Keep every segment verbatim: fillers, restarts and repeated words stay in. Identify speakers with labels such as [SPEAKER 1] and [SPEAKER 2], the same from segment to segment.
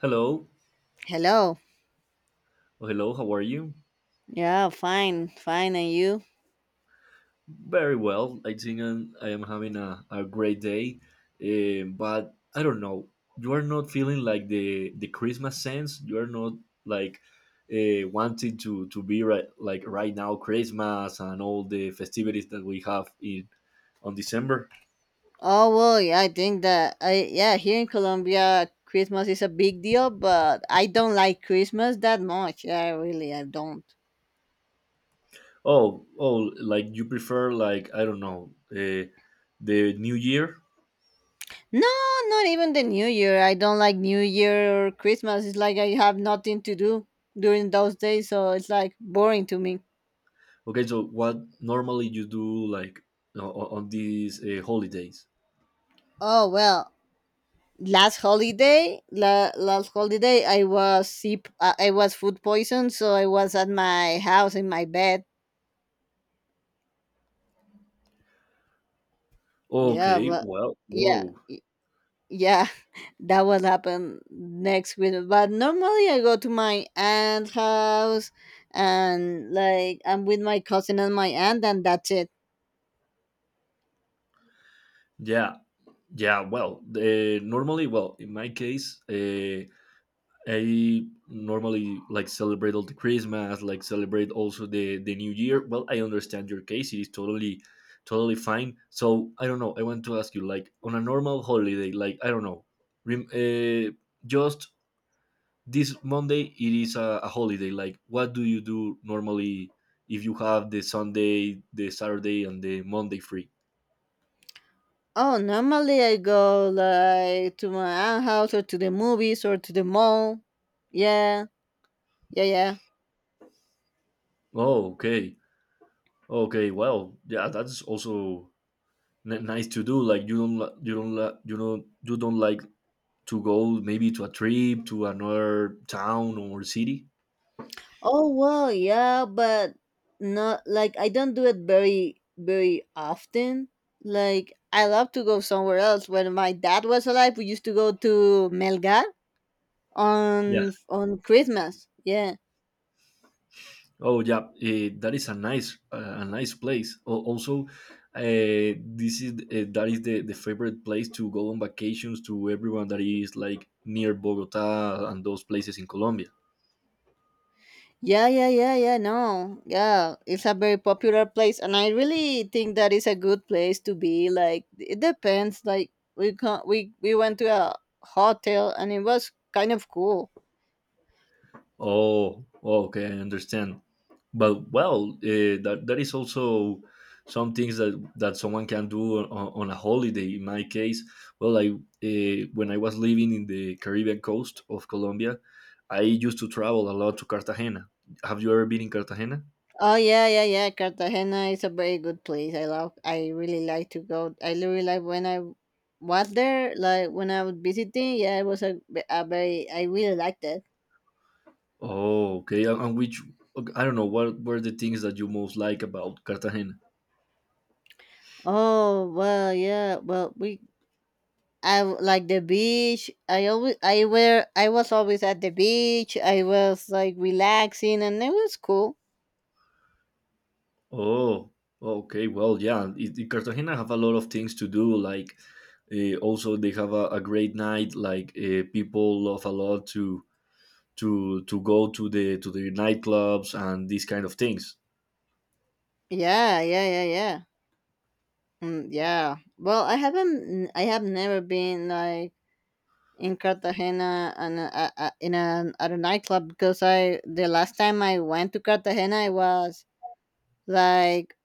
[SPEAKER 1] Hello.
[SPEAKER 2] Hello.
[SPEAKER 1] Oh, hello. How are you?
[SPEAKER 2] Yeah, fine, fine. And you?
[SPEAKER 1] Very well. I think I'm, I am having a, a great day. Eh, but I don't know. You are not feeling like the, the Christmas sense. You are not like uh, wanting to, to be right, like right now Christmas and all the festivities that we have in on December.
[SPEAKER 2] Oh well, yeah, I think that I yeah here in Colombia Christmas is a big deal, but I don't like Christmas that much. Yeah, really, I don't.
[SPEAKER 1] Oh, oh, like you prefer like I don't know uh, the New Year.
[SPEAKER 2] No, not even the New Year. I don't like New Year or Christmas. It's like I have nothing to do during those days, so it's like boring to me.
[SPEAKER 1] Okay, so what normally you do like o- o- on these uh, holidays?
[SPEAKER 2] Oh well, last holiday, la- last holiday, I was sick. I I was food poisoned, so I was at my house in my bed. Yeah,
[SPEAKER 1] Okay,
[SPEAKER 2] but
[SPEAKER 1] well,
[SPEAKER 2] yeah,
[SPEAKER 1] whoa,
[SPEAKER 2] y- yeah, that will happen next week. But normally I go to my aunt's house and like I'm with my cousin and my aunt, and that's it.
[SPEAKER 1] yeah, yeah. Well, uh, normally, well, in my case, uh, I normally like celebrate all the Christmas, like celebrate also the the New Year. Well, I understand your case; it is totally, totally fine. So I don't know. I want to ask you, like, on a normal holiday, like I don't know, rem- uh, just this Monday, it is a, a holiday. Like, what do you do normally if you have the Sunday, the Saturday, and the Monday free?
[SPEAKER 2] Oh, normally I go like to my aunt's house or to the movies or to the mall. Yeah, yeah, yeah.
[SPEAKER 1] Oh, okay. Okay, well, yeah, that's also n- nice to do. Like you don't, li- you don't, li- you know, you don't like to go maybe to a trip to another town or city.
[SPEAKER 2] Oh well, yeah, but not like I don't do it very very often. Like I love to go somewhere else. When my dad was alive, we used to go to Melgar
[SPEAKER 1] Yeah.
[SPEAKER 2] on on Christmas. Yeah.
[SPEAKER 1] Oh, yeah. Eh, that is a nice, uh, a nice place. Al- also, uh, this is uh, that is the the favorite place to go on vacations to everyone that is like near Bogota and those places in Colombia.
[SPEAKER 2] Yeah, yeah, yeah, yeah, no. Yeah, it's a very popular place and I really think that it's a good place to be. Like it depends. Like we can, we we went to a hotel and it was kind of cool.
[SPEAKER 1] Oh, oh, okay, I understand. But well, uh, that that is also some things that that someone can do on, on a holiday. In my case, well, I uh, when I was living in the Caribbean coast of Colombia, I used to travel a lot to Cartagena. Have you ever been in Cartagena?
[SPEAKER 2] Oh yeah, yeah, yeah. Cartagena is a very good place. I love. I really like to go. I really like when I was there, like when I was visiting. Yeah, it was a, a very. I really liked it.
[SPEAKER 1] Oh, okay. And and which okay, I don't know what were the things that you most like about Cartagena.
[SPEAKER 2] Oh well, yeah. Well, we. I w- like the beach. I always. I were. I was always at the beach. I was like relaxing, and it was cool.
[SPEAKER 1] Oh, okay. Well, yeah. It, it- Cartagena have a lot of things to do. Like, uh, also they have a, a great night. Like, uh, people love a lot to to to go to the to the nightclubs and these kind of things.
[SPEAKER 2] Yeah, yeah, yeah, yeah. Mm, yeah. Well, I haven't. I have never been like in Cartagena and uh, uh, uh, in a um, at a nightclub because I the last time I went to Cartagena I was like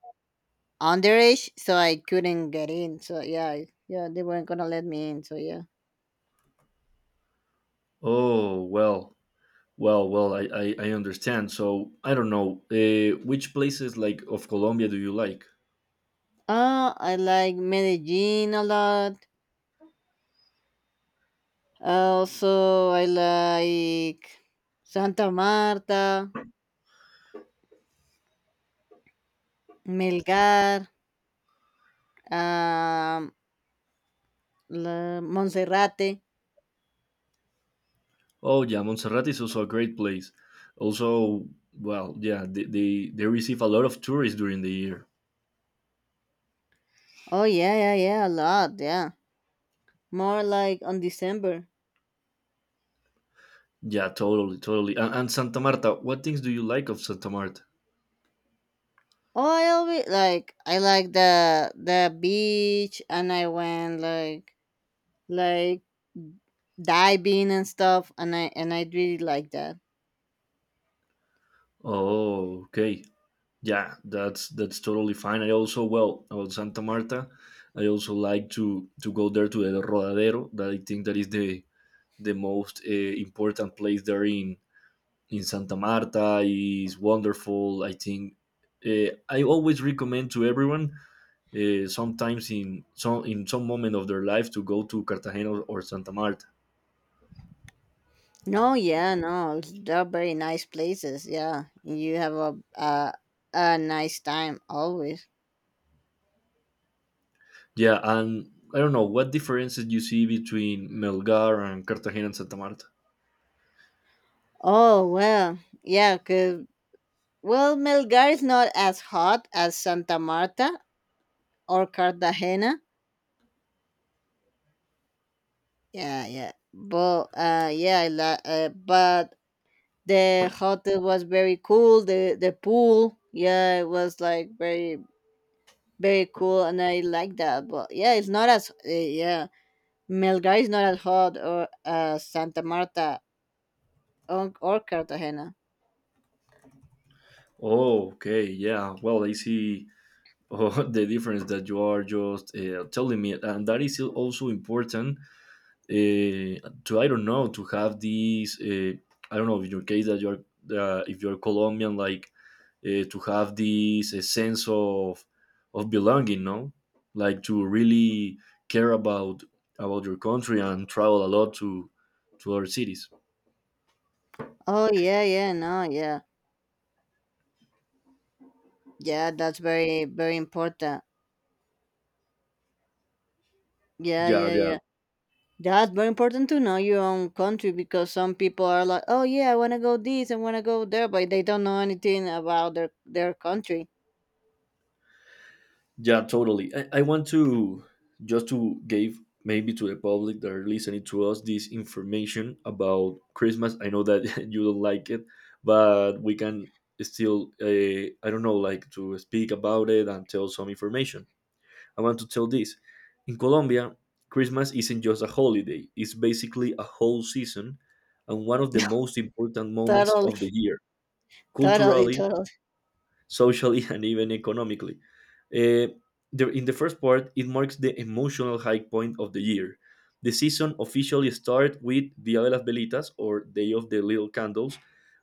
[SPEAKER 2] underage, so I couldn't get in. So yeah, I- yeah, they weren't gonna let me in. So yeah.
[SPEAKER 1] Oh, well, well, well. I I, I understand. So I don't know. Uh, which places like of Colombia do you like?
[SPEAKER 2] Uh, I like Medellin a lot. Also, I like Santa Marta, Melgar, um, La Monserrate.
[SPEAKER 1] Oh, yeah. Montserrat is also a great place. Also, well, yeah. They they, they receive a lot of tourists during the year.
[SPEAKER 2] Oh yeah, yeah, yeah, a lot. Yeah, more like on December.
[SPEAKER 1] Yeah, totally, totally. And, and Santa Marta, what things do you like of Santa Marta?
[SPEAKER 2] Oh, I always like. I like the the beach and I went like like diving and stuff and I and I really like that.
[SPEAKER 1] Oh, okay. Yeah, that's that's totally fine. I also well about Santa Marta, I also like to to go there to El Rodadero. That I think that is the the most uh, important place there in in Santa Marta. Is wonderful. I think uh, I always recommend to everyone. Uh, sometimes in some in some moment of their life to go to Cartagena or or Santa Marta.
[SPEAKER 2] No, yeah, no, they're very nice places. Yeah, you have a a, a nice time always.
[SPEAKER 1] Yeah, and I don't know what differences you see between Melgar and Cartagena and Santa Marta.
[SPEAKER 2] Oh well, yeah, cause well Melgar is not as hot as Santa Marta or Cartagena. Yeah, yeah, but uh, yeah, I like, uh, but the hotel was very cool, the the pool, yeah, it was like very very cool and I like that. But yeah, it's not as uh, yeah, Melgar is not as hot or as Santa Marta or, or Cartagena.
[SPEAKER 1] Oh, okay, yeah. Well, I see oh, the difference that you are just uh, telling me, and that is also important uh, to I don't know to have these uh, I don't know in your case that you're uh, if you're Colombian like uh, to have this uh, sense of of belonging, no, like to really care about about your country and travel a lot to to other cities.
[SPEAKER 2] Oh yeah, yeah, no, yeah, yeah, that's very very important. Yeah,
[SPEAKER 1] Yeah,
[SPEAKER 2] yeah,
[SPEAKER 1] yeah.
[SPEAKER 2] yeah, that's very important to know your own country because some people are like, oh yeah, I want to go this, I want to go there, but they don't know anything about their their country.
[SPEAKER 1] Yeah, totally. I, I want to just to give maybe to the public that are listening to us this information about Christmas. I know that you don't like it, but we can still, uh, I don't know, like to speak about it and tell some information. I want to tell this. In Colombia, Christmas isn't just a holiday, it's basically a whole season and one of the most important moments
[SPEAKER 2] Totally,
[SPEAKER 1] of the year.
[SPEAKER 2] totally,
[SPEAKER 1] Culturally,
[SPEAKER 2] totally.
[SPEAKER 1] socially and even economically. Uh, the, in the first part, it marks the emotional high point of the year. The season officially starts with Dia de las Velitas, or Day of the Little Candles,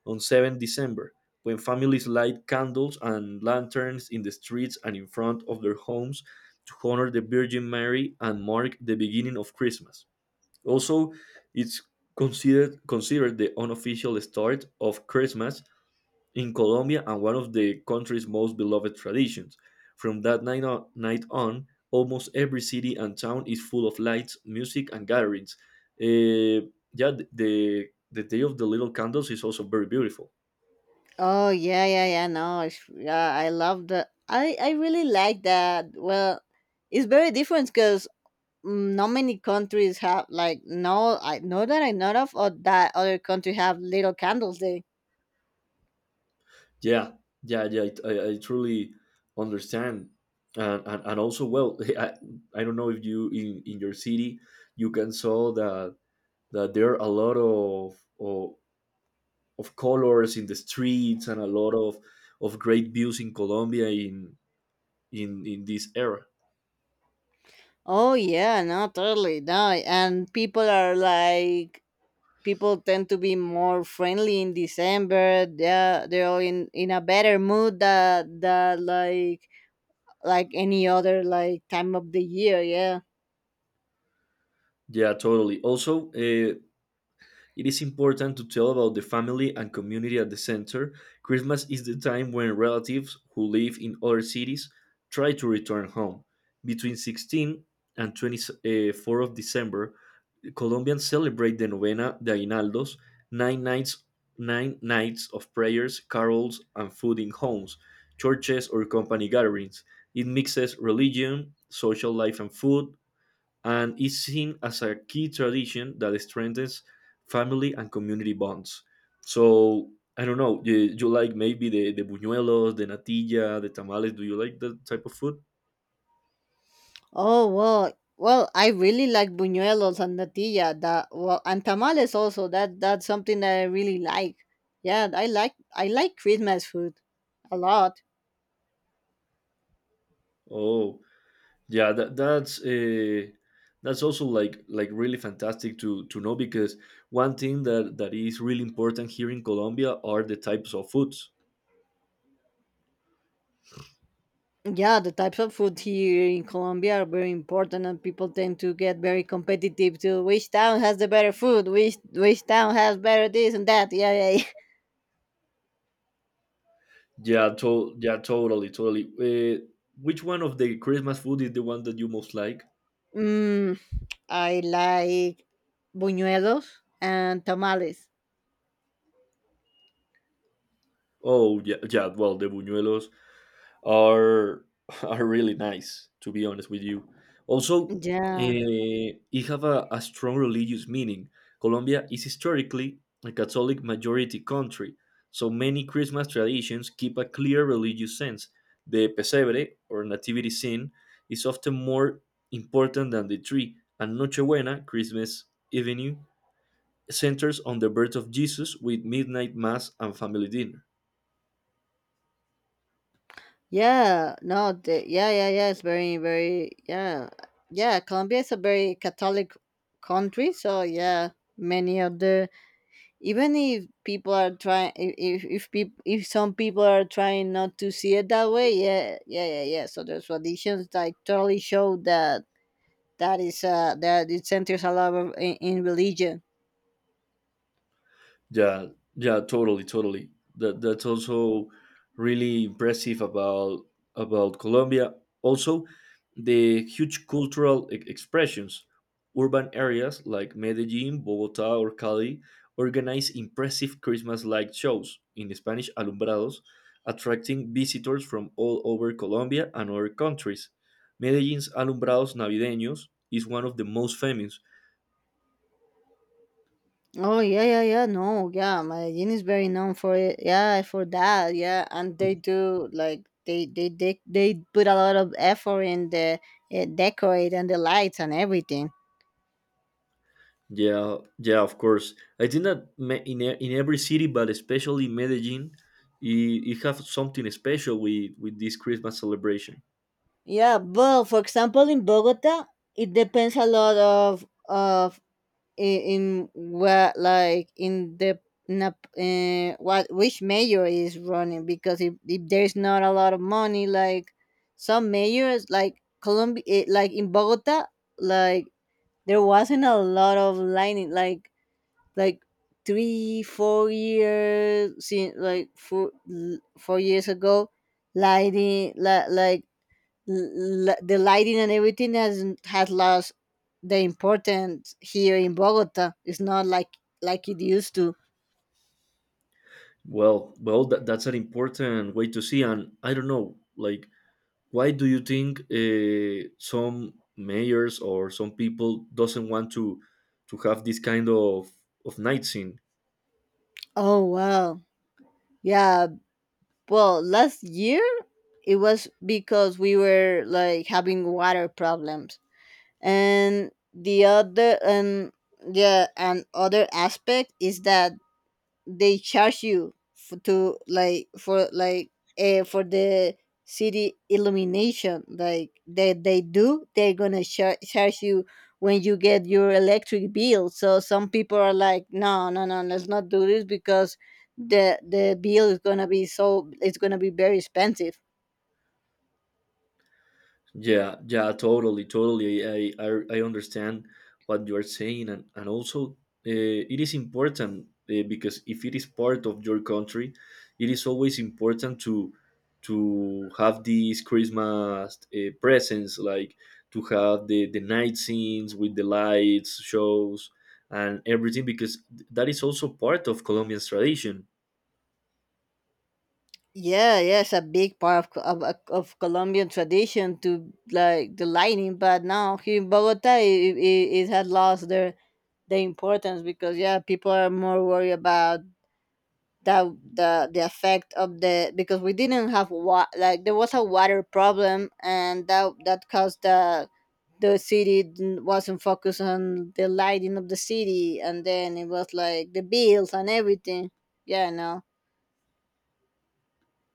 [SPEAKER 1] on December seventh, when families light candles and lanterns in the streets and in front of their homes to honor the Virgin Mary and mark the beginning of Christmas. Also, it's considered considered the unofficial start of Christmas in Colombia and one of the country's most beloved traditions. From that night on, night on, almost every city and town is full of lights, music, and gatherings. Eh, yeah, th- the the day of the little candles is also very beautiful.
[SPEAKER 2] Oh yeah, yeah, yeah. No, it's, yeah, I love the. I I really like that. Well, it's very different because not many countries have like, no. I know that I know of or that other country have little candles day.
[SPEAKER 1] Yeah, yeah, yeah. I, I I truly understand, and, and, and also well, I, I don't know if you in, in your city you can saw that that there are a lot of, of of colors in the streets and a lot of of great views in Colombia in in in this era.
[SPEAKER 2] Oh yeah, no, totally, no. And people are like, people tend to be more friendly in December. They're they're all in in a better mood, that that like like any other like time of the year. Yeah.
[SPEAKER 1] Yeah, totally. Also, uh, it is important to tell about the family and community at the center. Christmas is the time when relatives who live in other cities try to return home. Between sixteen and the twenty-fourth of December, Colombians celebrate the Novena de Aguinaldos, nine nights, nine nights of prayers, carols, and food in homes, churches, or company gatherings. It mixes religion, social life, and food, and is seen as a key tradition that strengthens family and community bonds. So, I don't know, you, you like maybe the, the buñuelos, the natilla, the tamales. Do you like that type of food?
[SPEAKER 2] Oh well, well, I really like buñuelos and natilla. That, well, and tamales also. That that's something that I really like. Yeah, I like. I like Christmas food a lot.
[SPEAKER 1] Oh, yeah that, that's uh, that's also like like really fantastic to to know because one thing that that is really important here in Colombia are the types of foods.
[SPEAKER 2] Yeah, the types of food here in Colombia are very important, and people tend to get very competitive to which town has the better food, which which town has better this and that. Yeah, yeah. Yeah.
[SPEAKER 1] Yeah to- yeah, totally totally uh, Which one of the Christmas food is the one that you most like?
[SPEAKER 2] Mm, I like buñuelos and tamales.
[SPEAKER 1] Oh, yeah, yeah, well the buñuelos are are really nice to be honest with you. Also, uh,
[SPEAKER 2] Yeah.
[SPEAKER 1] it have a, a strong religious meaning. Colombia is historically a Catholic majority country, so many Christmas traditions keep a clear religious sense. The pesebre or nativity scene is often more important than the tree, and Nochebuena Christmas avenue centers on the birth of Jesus with midnight mass and family dinner.
[SPEAKER 2] Yeah, no, the, yeah, yeah, yeah. It's very, very, yeah, yeah. Colombia is a very Catholic country, so yeah, many of the, even if people are trying, if if if people, if some people are trying not to see it that way, yeah, yeah, yeah, yeah. So the traditions like totally show that. That is uh that it centers a lot of in, in religion.
[SPEAKER 1] Yeah, yeah, totally, totally. That that's also really impressive about about Colombia. Also, the huge cultural e- expressions. Urban areas like Medellin, Bogota, or Cali organize impressive Christmas-like shows in Spanish alumbrados, attracting visitors from all over Colombia and other countries. Medellin's alumbrados navideños is one of the most famous.
[SPEAKER 2] Oh yeah, yeah, yeah. No, yeah. Medellin is very known for it. Yeah, for that. Yeah, and they do like, they they they they put a lot of effort in the uh, decorate and the lights and everything.
[SPEAKER 1] Yeah, yeah, of course. I think that me- in e- in every city, but especially Medellin, it, it have something special with with this Christmas celebration.
[SPEAKER 2] Yeah, but for example, in Bogota, it depends a lot of of in, in what like in the in a, uh, what, which mayor is running, because if, if there's not a lot of money like some mayors, like Colombia eh, like in Bogota, like there wasn't a lot of lining like like three four years, since like four, l- four years ago, lighting like like l- l- the lighting and everything has has lost the importance here in Bogota. It's not like like it used to.
[SPEAKER 1] Well, well, that, that's an important way to see. And I don't know, like, why do you think uh, some mayors or some people doesn't want to to have this kind of of nights.
[SPEAKER 2] Oh wow, yeah. Well, last year it was because we were like having water problems, and the other, and yeah, and other aspect is that they charge you f- to like for like uh, for the city illumination like that they do. They're gonna char- charge you when you get your electric bill, so some people are like, no no no, let's not do this because the the bill is gonna be so, it's gonna be very expensive.
[SPEAKER 1] Yeah, yeah, totally, totally. I I, I understand what you are saying, and and also uh, it is important uh, because if it is part of your country, it is always important to to have these Christmas uh, presents, like to have the the night scenes with the lights, shows, and everything, because that is also part of Colombian tradition.
[SPEAKER 2] Yeah, yes, a big part of, of of of Colombian tradition to like the lightning, but now here in Bogota, it, it, it had lost their the importance because yeah, people are more worried about that, the the effect of the, because we didn't have wa- like, there was a water problem and that that caused the the city didn't- wasn't focused on the lighting of the city and then it was like the bills and everything. Yeah, no.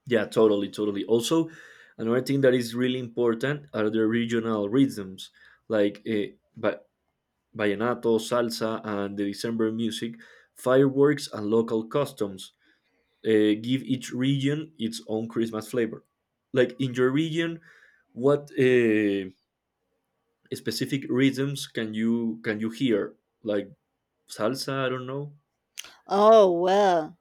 [SPEAKER 1] Yeah, totally, totally. Also, another thing that is really important are the regional rhythms, like eh, ba- vallenato, salsa, and the December music, fireworks, and local customs. Eh, give each region its own Christmas flavor. Like in your region, what uh, specific rhythms can you can you hear? Like salsa, I don't know.
[SPEAKER 2] Oh well.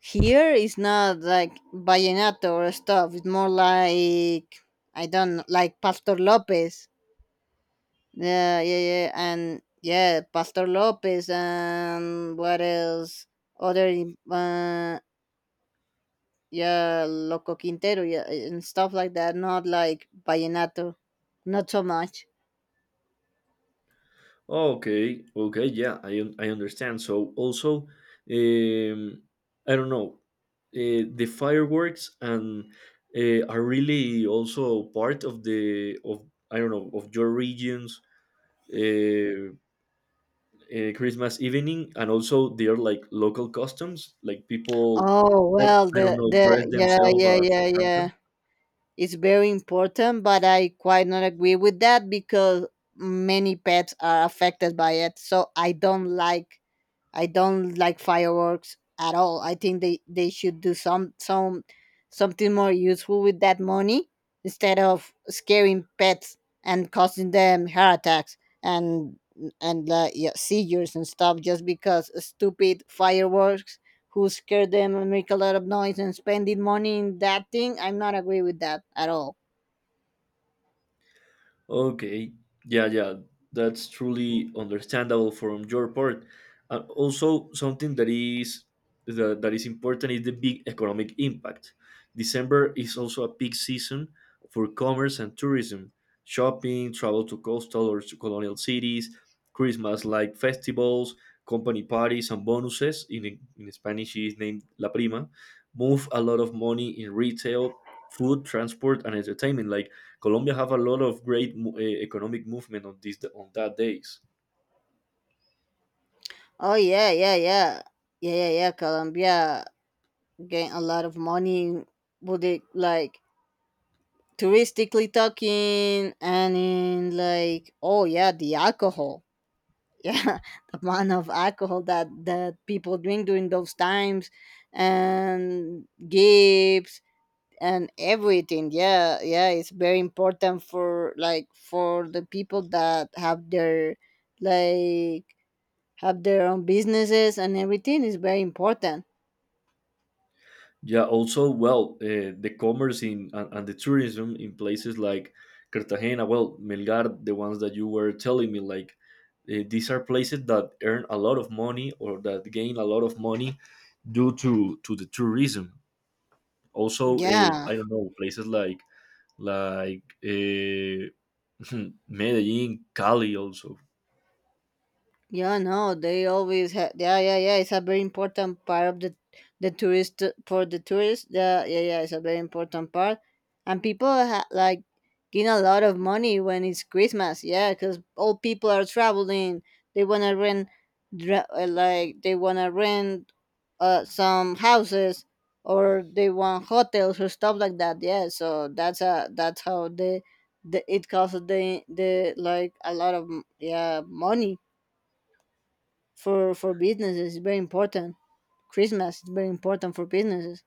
[SPEAKER 2] Here is not like vallenato or stuff. It's more like, I don't know, like Pastor Lopez. Yeah, yeah, yeah, and yeah, Pastor Lopez, and what else? Other im- uh, yeah, Loco Quintero, yeah, and stuff like that. Not like vallenato, not so much.
[SPEAKER 1] Okay, okay, yeah, I un- I understand. So also, um, I don't know, uh, the fireworks and uh, are really also part of the of I don't know of your region's uh, uh, Christmas evening, and also they are like local customs, like people
[SPEAKER 2] Oh
[SPEAKER 1] that
[SPEAKER 2] well,
[SPEAKER 1] I don't
[SPEAKER 2] the
[SPEAKER 1] know
[SPEAKER 2] the
[SPEAKER 1] dress
[SPEAKER 2] yeah
[SPEAKER 1] themselves
[SPEAKER 2] yeah
[SPEAKER 1] as
[SPEAKER 2] yeah yeah.
[SPEAKER 1] Santa.
[SPEAKER 2] It's very important, but I quite not agree with that because many pets are affected by it. So I don't like. I don't like fireworks at all. I think they, they should do some some something more useful with that money instead of scaring pets and causing them heart attacks and and uh, yeah, seizures and stuff, just because stupid fireworks who scare them and make a lot of noise and spending money in that thing. I'm not agree with that at all.
[SPEAKER 1] Okay, yeah, yeah, that's truly understandable from your part. And also, something that is that, that is important is the big economic impact. December is also a peak season for commerce and tourism, shopping, travel to coastal or to colonial cities, Christmas-like festivals, company parties, and bonuses. In, in Spanish, it is named La Prima. Move a lot of money in retail, food, transport, and entertainment. Like Colombia have a lot of great mo- eh, economic movement on these on that days.
[SPEAKER 2] Oh yeah, yeah, yeah, yeah, yeah, yeah. Colombia gain a lot of money with it, like touristically talking and in, like, oh yeah, the alcohol, yeah, the amount of alcohol that that people drink during those times, and gifts and everything, yeah, yeah, it's very important for like for the people that have their like, have their own businesses and everything is very important.
[SPEAKER 1] Yeah, also well, uh, the commerce in and, and the tourism in places like Cartagena, well, Melgar, the ones that you were telling me, like eh, these are places that earn a lot of money or that gain a lot of money due to to the tourism. Also, uh,
[SPEAKER 2] Yeah.
[SPEAKER 1] I don't know places like like uh, Medellin, Cali, also.
[SPEAKER 2] Yeah, no, they always have. Yeah, yeah, yeah. It's a very important part of the the tourist for the tourists. Yeah, yeah, yeah. It's a very important part, and people ha- like gain a lot of money when it's Christmas. Yeah, because all people are traveling. They wanna rent, dra- uh, like they wanna rent uh, some houses, or they want hotels or stuff like that. Yeah, so that's a, that's how they the it costs the the like a lot of m- yeah, money. for for businesses it's very important. Christmas is very important for businesses.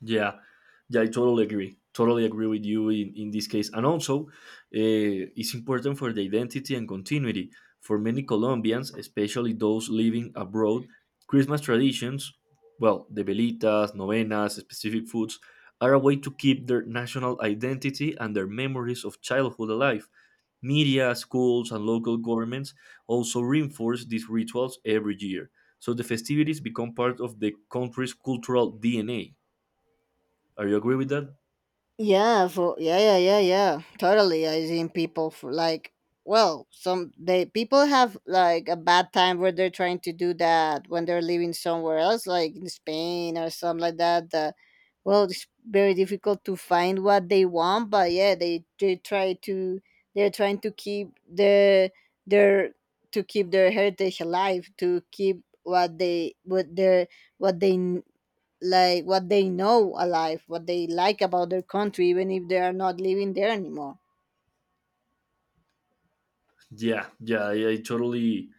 [SPEAKER 1] Yeah, yeah, I totally agree. Totally agree with you in, in this case. And also, uh, it's important for the identity and continuity. For many Colombians, especially those living abroad, Christmas traditions, well, the velitas, novenas, specific foods, are a way to keep their national identity and their memories of childhood alive. Media, schools, and local governments also reinforce these rituals every year. So the festivities become part of the country's cultural D N A. Are you agree with that?
[SPEAKER 2] Yeah, for yeah, yeah, yeah, yeah. Totally. I seen people for like, well, some they people have like a bad time where they're trying to do that when they're living somewhere else, like in Spain or something like that. That, well, it's very difficult to find what they want, but yeah, they they try to, they're trying to keep the their, to keep their heritage alive, to keep what they, what their, what they like, what they know alive, what they like about their country, even if they are not living there anymore.
[SPEAKER 1] Yeah, yeah, I, I totally,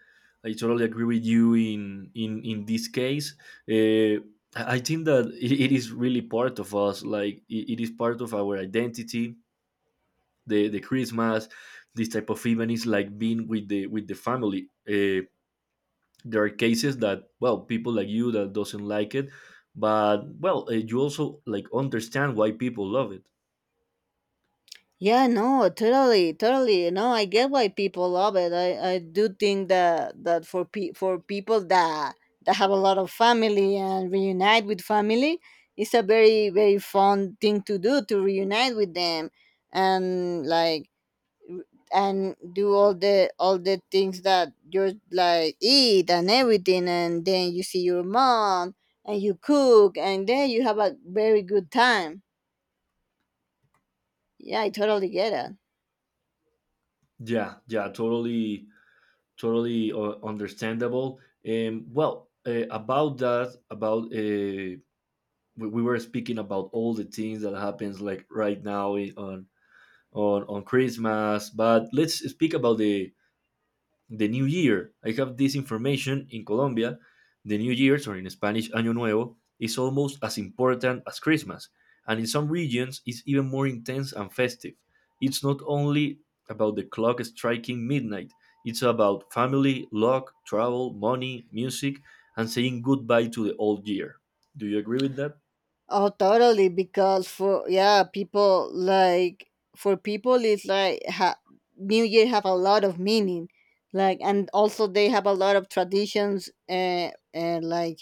[SPEAKER 1] I totally agree with you in in in this case. Uh, I I think that it, it is really part of us. Like it, it is part of our identity. The the Christmas, this type of event is like being with the with the family. Uh, there are cases that, well, people like you that doesn't like it, but, well, uh, you also like understand why people love it.
[SPEAKER 2] Yeah, no, totally, totally. No, I get why people love it. I, I do think that that for pe- for people that that have a lot of family and reunite with family. It's a very very fun thing to do to reunite with them and like, and do all the all the things that you're like, eat and everything, and then you see your mom and you cook and then you have a very good time. Yeah, I totally get it.
[SPEAKER 1] Yeah, yeah, totally, totally uh, understandable. Um, well, uh, about that, about uh, we, we were speaking about all the things that happens like right now, i- on on on Christmas, but let's speak about the the new year. I have this information in Colombia. The New Year's, or in Spanish, Año Nuevo, is almost as important as Christmas, and in some regions, it's even more intense and festive. It's not only about the clock striking midnight, it's about family, luck, travel, money, music, and saying goodbye to the old year. Do you agree with that?
[SPEAKER 2] Oh, totally, because for, yeah, people like for people, it's like ha- new year have a lot of meaning, like, and also they have a lot of traditions, uh, uh like,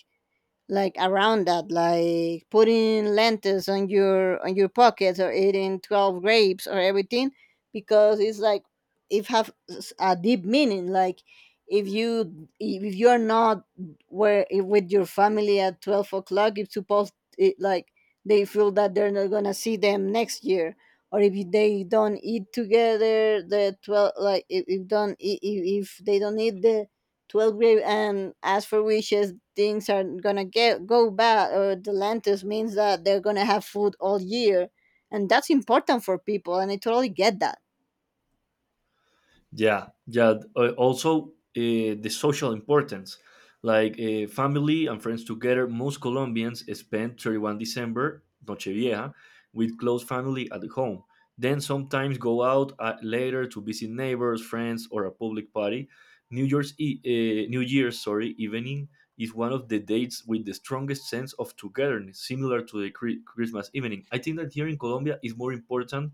[SPEAKER 2] like around that, like putting lentils on your on your pockets, or eating twelve grapes or everything, because it's like it have s- a deep meaning. Like, if you if you're not where with your family at twelve o'clock, it's supposed it like, they feel that they're not gonna see them next year, or if they don't eat together the twelve, like, if, if don't if if they don't eat the twelve grave, and as for wishes things are gonna get go bad, or the lentus means that they're gonna have food all year. And that's important for people, and I totally get that.
[SPEAKER 1] Yeah, yeah. Uh, Also, uh, the social importance, like uh, family and friends together. Most Colombians spend thirty-first of December, Nochevieja, with close family at home. Then sometimes go out uh, later to visit neighbors, friends, or a public party. New Year's e- uh, New Year's, sorry, evening is one of the dates with the strongest sense of togetherness, similar to the Chri- Christmas evening. I think that here in Colombia is more important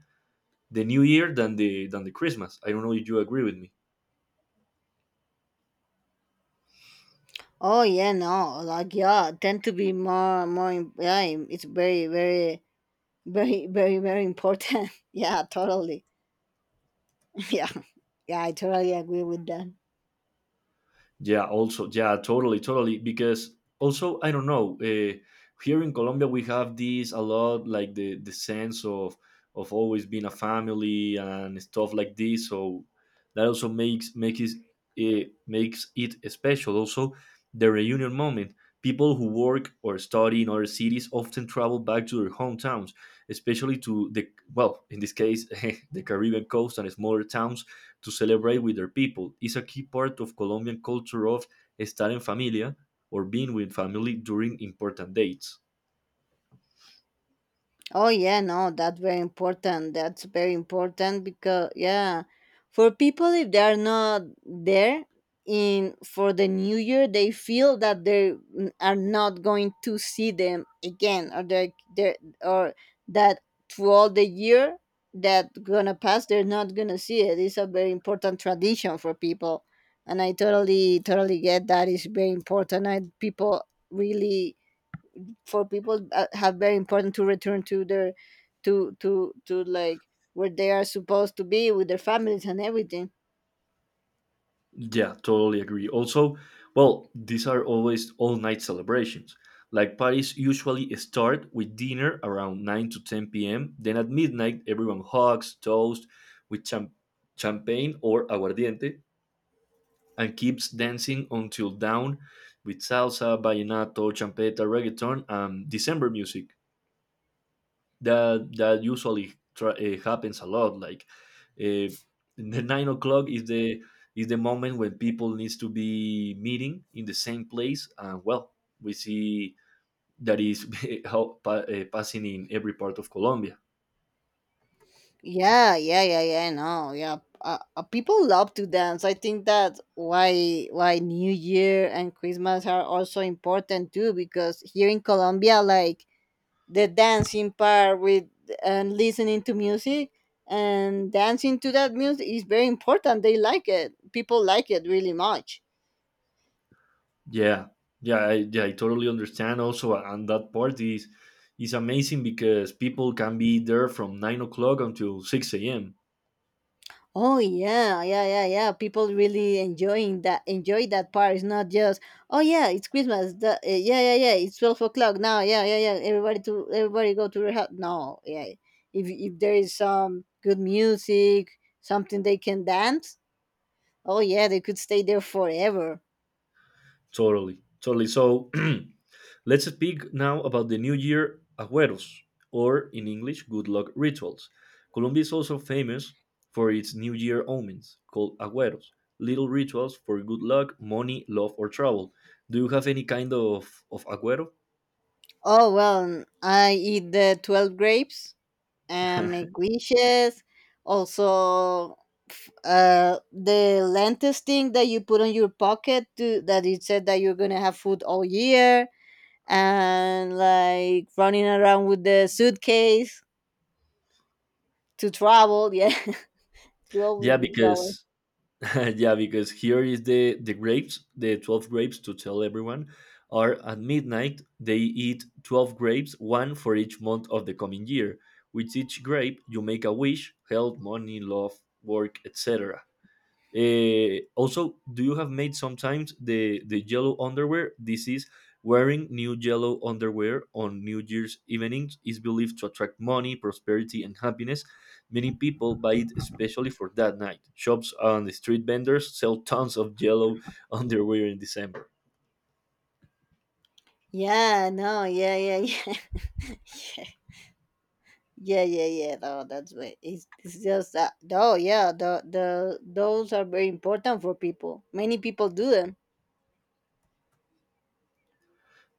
[SPEAKER 1] the New Year than the than the Christmas. I don't know if you agree with me.
[SPEAKER 2] Oh yeah, no, like, yeah, tend to be more more im- yeah, im- it's very very very very very important yeah, totally. Yeah, yeah, I totally agree with that.
[SPEAKER 1] Yeah, also, yeah, totally, totally. Because also, I don't know. Uh, here in Colombia, we have this a lot, like the the sense of of always being a family and stuff like this. So that also makes makes it, eh, makes it special. Also, the reunion moment. People who work or study in other cities often travel back to their hometowns, especially to the, well, in this case, the Caribbean coast and smaller towns to celebrate with their people. It's a key part of Colombian culture of estar en familia, or being with family during important dates.
[SPEAKER 2] Oh yeah, no, that's very important. That's very important because, yeah, for people, if they are not there in for the new year, they feel that they n- are not going to see them again, or they they or that through all the year that gonna pass, they're not gonna see it. It's a very important tradition for people, and I totally totally get that. It's very important, and people, really, for people that have, very important to return to their, to to to like, where they are supposed to be with their families and everything.
[SPEAKER 1] Yeah, totally agree. Also, well, these are always all night celebrations. Like parties usually start with dinner around nine to ten p m. Then at midnight, everyone hugs, toast with cham- champagne or aguardiente and keeps dancing until dawn with salsa, vallenato, champeta, reggaeton, and December music. that that usually tra- uh, happens a lot, like uh, the nine o'clock is the is the moment when people needs to be meeting in the same place, and well, we see that is how pa- uh, passing in every part of Colombia.
[SPEAKER 2] Yeah, yeah, yeah, yeah, no, yeah, uh, uh, people love to dance. I think that why why new year and christmas are also important too, because here in colombia, like, the dancing part with, and listening to music and dancing to that music is very important. They like it. People like it really much.
[SPEAKER 1] Yeah, yeah, I, yeah, I totally understand also, and that part is is amazing because people can be there from nine o'clock until six a.m.
[SPEAKER 2] Oh yeah, yeah, yeah, yeah. People really enjoying that enjoy that part. It's not just, oh yeah, it's Christmas. The, uh, yeah, yeah, yeah. It's twelve o'clock now. Yeah, yeah, yeah. Everybody to everybody go to their house. No, yeah. If if there is some good music, something they can dance. Oh yeah, they could stay there forever.
[SPEAKER 1] Totally, totally. So let's speak now about the New Year Agüeros, or in English, good luck rituals. Colombia is also famous for its New Year omens, called agüeros, little rituals for good luck, money, love, or trouble. Do you have any kind of, of agüero?
[SPEAKER 2] Oh well, I eat the twelve grapes and make wishes. Also, f- uh, the lentils thing that you put on your pocket to that it said that you're gonna have food all year, and like running around with the suitcase to travel. Yeah, to always
[SPEAKER 1] yeah,
[SPEAKER 2] be traveling.
[SPEAKER 1] because yeah, because here is the the grapes, the twelve grapes, to tell everyone, are at midnight. They eat twelve grapes, one for each month of the coming year. With each grape, you make a wish: health, money, love, work, et cetera. Uh, also, do you have made sometimes the the yellow underwear? This is wearing new yellow underwear on New Year's evenings is believed to attract money, prosperity, and happiness. Many people buy it especially for that night. Shops and street vendors sell tons of yellow underwear in December.
[SPEAKER 2] Yeah, no, yeah, yeah, yeah. Yeah, yeah, yeah. No, that's right. It's, it's just that. Oh, yeah. The the those are very important for people. Many people do them.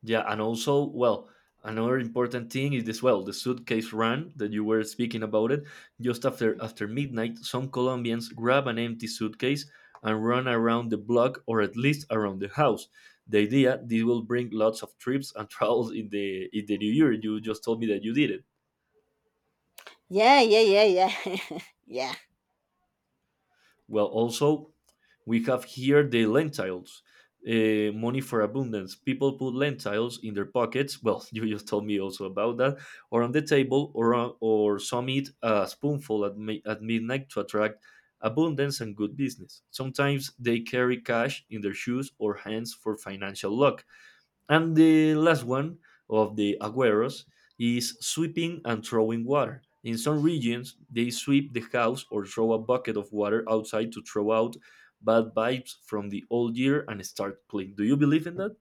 [SPEAKER 1] Yeah, and also, well, another important thing is this. Well, the suitcase run that you were speaking about it. Just after after midnight, some Colombians grab an empty suitcase and run around the block, or at least around the house. The idea, this will bring lots of trips and travels in the in the new year. You just told me that you did it.
[SPEAKER 2] Yeah, yeah, yeah, yeah, yeah.
[SPEAKER 1] Well, also, we have here the lentils, uh, money for abundance. People put lentils in their pockets. Well, you just told me also about that, or on the table, or or some eat a spoonful at, mi- at midnight to attract abundance and good business. Sometimes they carry cash in their shoes or hands for financial luck. And the last one of the agueros is sweeping and throwing water. In some regions, they sweep the house or throw a bucket of water outside to throw out bad vibes from the old year and start clean. Do you believe in that?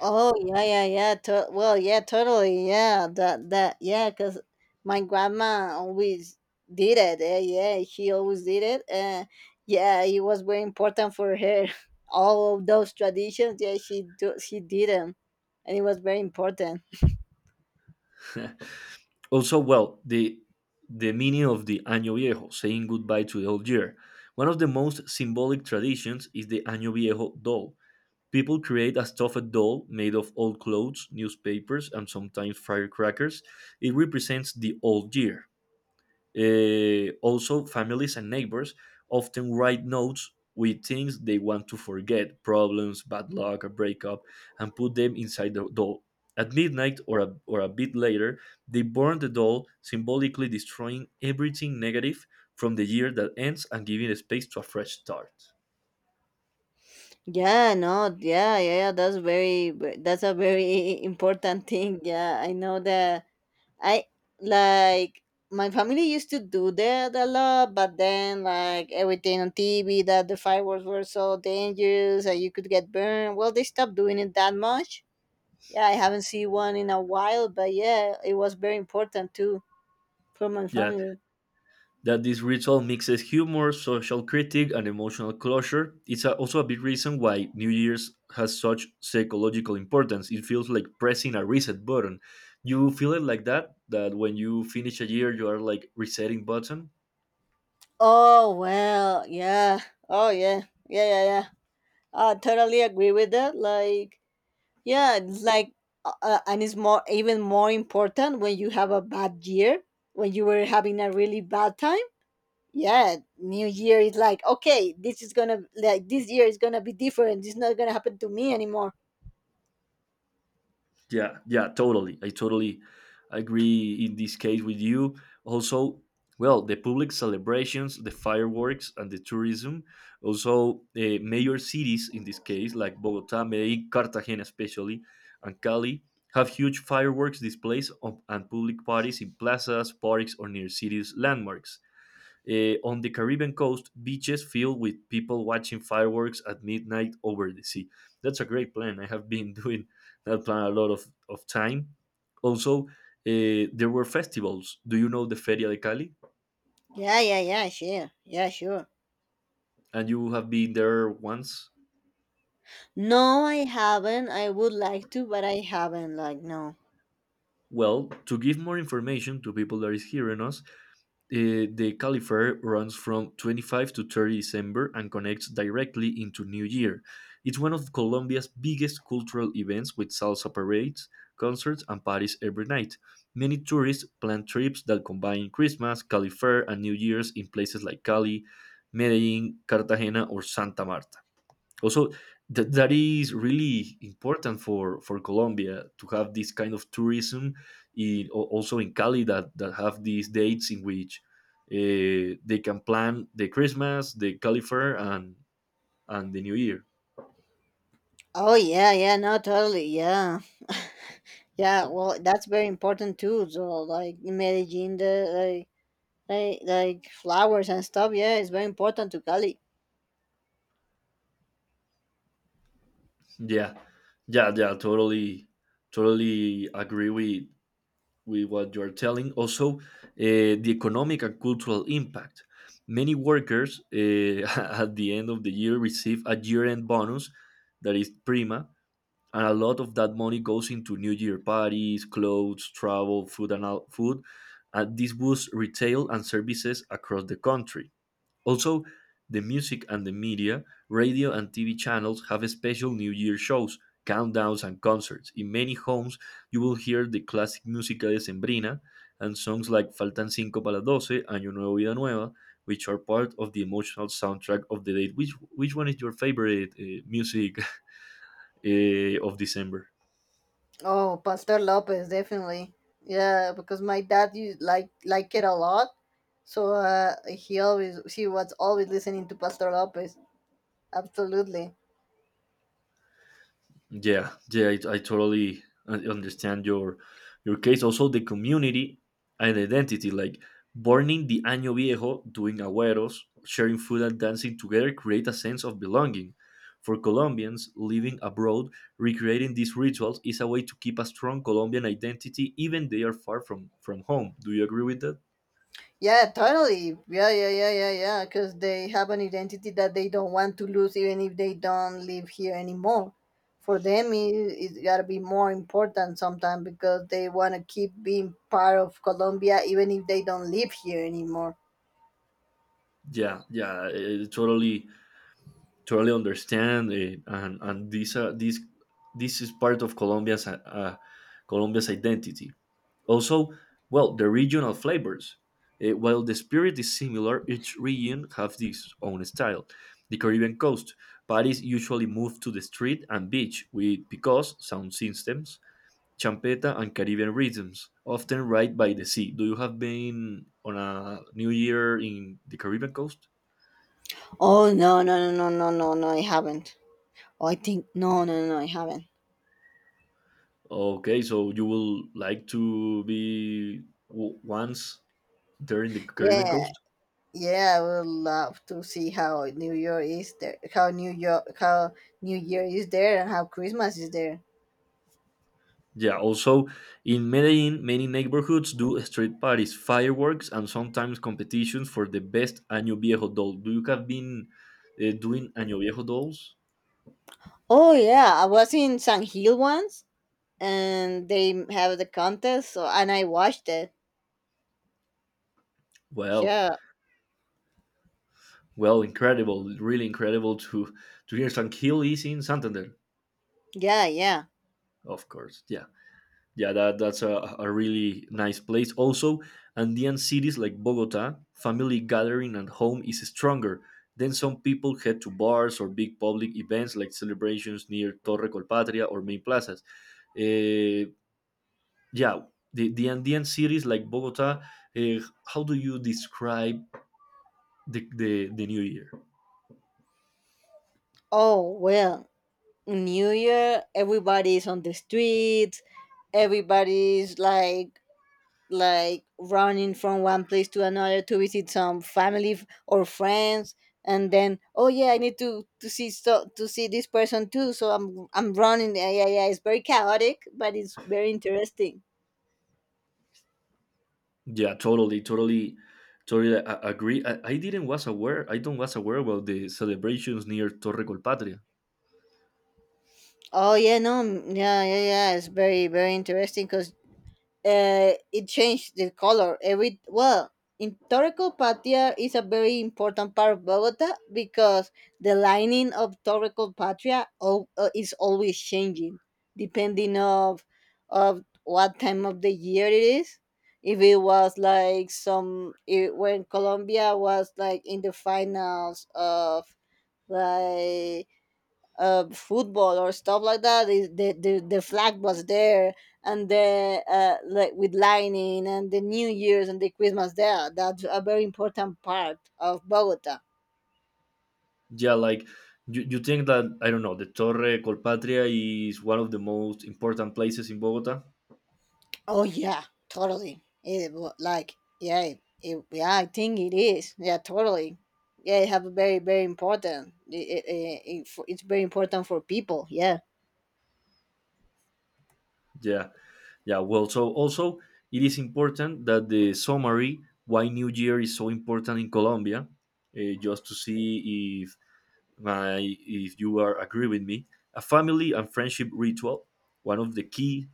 [SPEAKER 2] Oh yeah, yeah, yeah. To- well, yeah, totally. Yeah, that that, yeah, cause my grandma always did it. Eh? Yeah, she always did it. Uh, yeah, it was very important for her. All of those traditions. Yeah, she do she did them, and it was very important.
[SPEAKER 1] also, well, the the meaning of the Año Viejo, saying goodbye to the old year. One of the most symbolic traditions is the Año Viejo doll. People create a stuffed doll made of old clothes, newspapers, and sometimes firecrackers. It represents the old year. Eh, also, families and neighbors often write notes with things they want to forget: problems, bad luck, a breakup, and put them inside the doll. At midnight, or a, or a bit later, they burn the doll, symbolically destroying everything negative from the year that ends and giving space to a fresh start.
[SPEAKER 2] Yeah, no, yeah, yeah, yeah. That's very ve- that's a very important thing. Yeah, I know that, I like, my family used to do that a lot, but then, like, everything on T V that the fireworks were so dangerous that you could get burned. Well, they stopped doing it that much. Yeah, I haven't seen one in a while, but, yeah, it was very important too for my
[SPEAKER 1] Yeah,
[SPEAKER 2] family.
[SPEAKER 1] that this ritual mixes humor, social critique, and emotional closure. It's a- also a big reason why New Year's has such psychological importance. It feels like pressing a reset button. You feel it like that, that when you finish a year, you are like resetting button.
[SPEAKER 2] Oh well, yeah. Oh yeah, yeah, yeah, yeah. I totally agree with that. Like, yeah, it's like, uh, uh, and it's more even more important when you have a bad year, when you were having a really bad time. Yeah, New Year is like, okay, this is gonna, like, this year is gonna be different. It's not gonna happen to me anymore.
[SPEAKER 1] Yeah, yeah, totally. I totally agree in this case with you. Also, well, the public celebrations, the fireworks, and the tourism. Also, uh, major cities in this case, like Bogota, Medellin, Cartagena, especially, and Cali, have huge fireworks displays of, and public parties in plazas, parks, or near cities' landmarks. Uh, on the Caribbean coast, beaches filled with people watching fireworks at midnight over the sea. That's a great plan. I have been doing that plan a lot of, of time. Also, uh, there were festivals. Do you know the Feria de Cali?
[SPEAKER 2] Yeah, yeah, yeah, sure, yeah, sure.
[SPEAKER 1] And you have been there once?
[SPEAKER 2] No, I haven't. I would like to, but I haven't. Like, no.
[SPEAKER 1] Well, to give more information to people that is hearing us, Uh, the Caliphate runs from twenty-fifth to thirtieth of December and connects directly into New Year. It's one of Colombia's biggest cultural events with salsa parades, concerts, and parties every night. Many tourists plan trips that combine Christmas, Caliphate, and New Year's in places like Cali, Medellin, Cartagena, or Santa Marta. Also, that that is really important for for Colombia to have this kind of tourism in, al- also in Cali, that that have these dates in which uh, they can plan the Christmas, the Cali Fair, and and the New Year.
[SPEAKER 2] Oh yeah, yeah, no, totally, yeah. Yeah, well, that's very important too. So, like, managing Medellin, the, like, Like, like flowers and stuff. Yeah, it's very important to Cali.
[SPEAKER 1] Yeah, yeah, yeah. Totally, totally agree with with what you're telling. Also, uh, the economic and cultural impact. Many workers, uh, at the end of the year receive a year end bonus that is prima, and a lot of that money goes into New Year parties, clothes, travel, food, and al- food. And this boosts retail and services across the country. Also, the music and the media, radio and T V channels have special New Year shows, countdowns, and concerts. In many homes, you will hear the classic música de and songs like Faltan Cinco para las twelve, Año Nuevo, Vida Nueva, which are part of the emotional soundtrack of the date. Which, which one is your favorite uh, music uh, of December?
[SPEAKER 2] Oh, Pastor Lopez, definitely. Yeah, because my dad used like like it a lot, so, uh, he always he was always listening to Pastor Lopez. Absolutely.
[SPEAKER 1] Yeah, yeah, I, I totally un- understand your your case. Also, the community and identity, like burning the año viejo, doing agüeros, sharing food and dancing together, create a sense of belonging. For Colombians living abroad, recreating these rituals is a way to keep a strong Colombian identity, even they are far from from home. Do you agree with that?
[SPEAKER 2] Yeah, totally. Yeah, yeah, yeah, yeah, yeah. Because they have an identity that they don't want to lose, even if they don't live here anymore. For them, it, it's gotta be more important sometimes because they wanna keep being part of Colombia, even if they don't live here anymore.
[SPEAKER 1] Yeah, yeah, I I totally totally understand it, and and this uh, this, this is part of Colombia's uh, uh, Colombia's identity. Also, well, the regional flavors. Uh, while the spirit is similar, each region has its own style. The Caribbean coast parties usually move to the street and beach with picos sound systems, champeta, and Caribbean rhythms, often right by the sea. Do you have been on a New Year in the Caribbean coast?
[SPEAKER 2] Oh, no no no no no no no, I haven't. Oh, I think, no no no no, I haven't.
[SPEAKER 1] Okay, so you will like to be w- once there in the Caribbean
[SPEAKER 2] Yeah,
[SPEAKER 1] coast?
[SPEAKER 2] yeah, I would love to see how New Year is there, how New York how New Year is there, and how Christmas is there.
[SPEAKER 1] Yeah, also in Medellin, many neighborhoods do street parties, fireworks, and sometimes competitions for the best Año Viejo doll. Do you have been uh, doing Año Viejo dolls?
[SPEAKER 2] Oh yeah, I was in San Hill once, and they have the contest, so, and I watched it.
[SPEAKER 1] Well,
[SPEAKER 2] Yeah,
[SPEAKER 1] well, incredible, really incredible to to hear. San Gil is in Santander,
[SPEAKER 2] yeah, yeah.
[SPEAKER 1] of course. Yeah. Yeah, that that's a, a really nice place. Also, Andean cities like Bogota, family gathering at home is stronger, then some people head to bars or big public events like celebrations near Torre Colpatria or main plazas. Eh, yeah, the, the Andean cities like Bogota, eh, how do you describe the, the, the new year?
[SPEAKER 2] Oh well, New Year everybody's on the streets. Everybody's like, like running from one place to another to visit some family, f- or friends, and then, oh yeah, I need to to see, so, to see this person too. So i'm I'm running. Yeah, yeah, yeah, it's very chaotic, but it's very interesting.
[SPEAKER 1] Yeah, totally, totally, totally, I, I agree. I, I didn't was aware, I don't was aware about the celebrations near Torre Colpatria.
[SPEAKER 2] Oh yeah, no, mm, yeah, yeah, yeah, it's very very interesting, because, uh, it changed the color every, well, in Torrecalpatria is a very important part of Bogota, because the lining of Torrecalpatria al- uh, is always changing, depending of of what time of the year it is. If it was like, some it, when Colombia was like in the finals of, like, uh, football or stuff like that. It, the, the the flag was there, and the, uh, like, with lightning and the New Year's and the Christmas there. That's a very important part of Bogota.
[SPEAKER 1] Yeah, like you, you think that I don't know the Torre Colpatria is one of the most important places in Bogota.
[SPEAKER 2] Oh yeah, totally. It wa- like, yeah, it, yeah. I think it is. Yeah, totally. Yeah, it have a very very important. It, it, it, it for- it's very important for people. Yeah.
[SPEAKER 1] Yeah, yeah. Well, so also it is important that the summary, why New Year is so important in Colombia, uh, just to see if my if you are agree with me. A family and friendship ritual, one of the key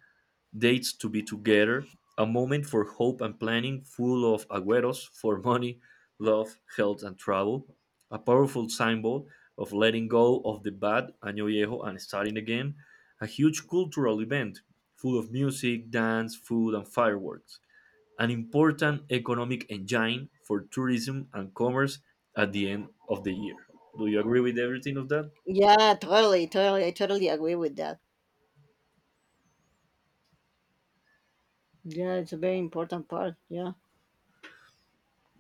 [SPEAKER 1] dates to be together, a moment for hope and planning, full of agüeros for money, love, health, and travel, a powerful symbol of letting go of the bad año viejo and starting again, a huge cultural event full of music, dance, food, and fireworks, an important economic engine for tourism and commerce at the end of the year. Do you agree with everything of that?
[SPEAKER 2] Yeah, totally, totally. I totally agree with that. Yeah, it's a very important part. Yeah.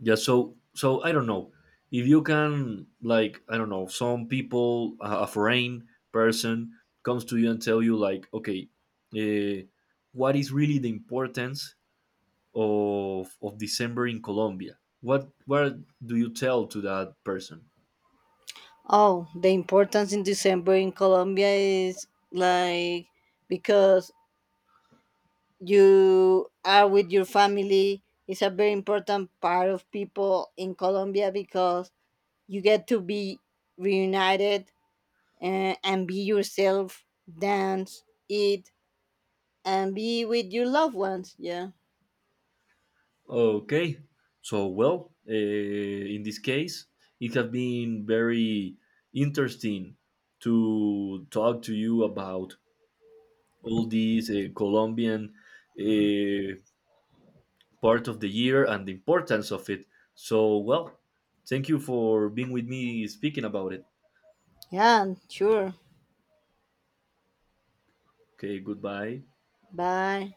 [SPEAKER 1] Yeah, so so I don't know if you can, like, I don't know, some people, a a foreign person comes to you and tell you like, okay, uh, what is really the importance of of December in Colombia, what what do you tell to that person?
[SPEAKER 2] Oh, the importance in December in Colombia is, like, because you are with your family. It's a very important part of people in Colombia because you get to be reunited, and, and be yourself, dance, eat, and be with your loved ones. Yeah.
[SPEAKER 1] Okay, so well, uh, in this case, it has been very interesting to talk to you about all these uh, Colombian uh, part of the year and the importance of it. So, well, thank you for being with me speaking about it.
[SPEAKER 2] Yeah, sure.
[SPEAKER 1] Okay, goodbye.
[SPEAKER 2] Bye.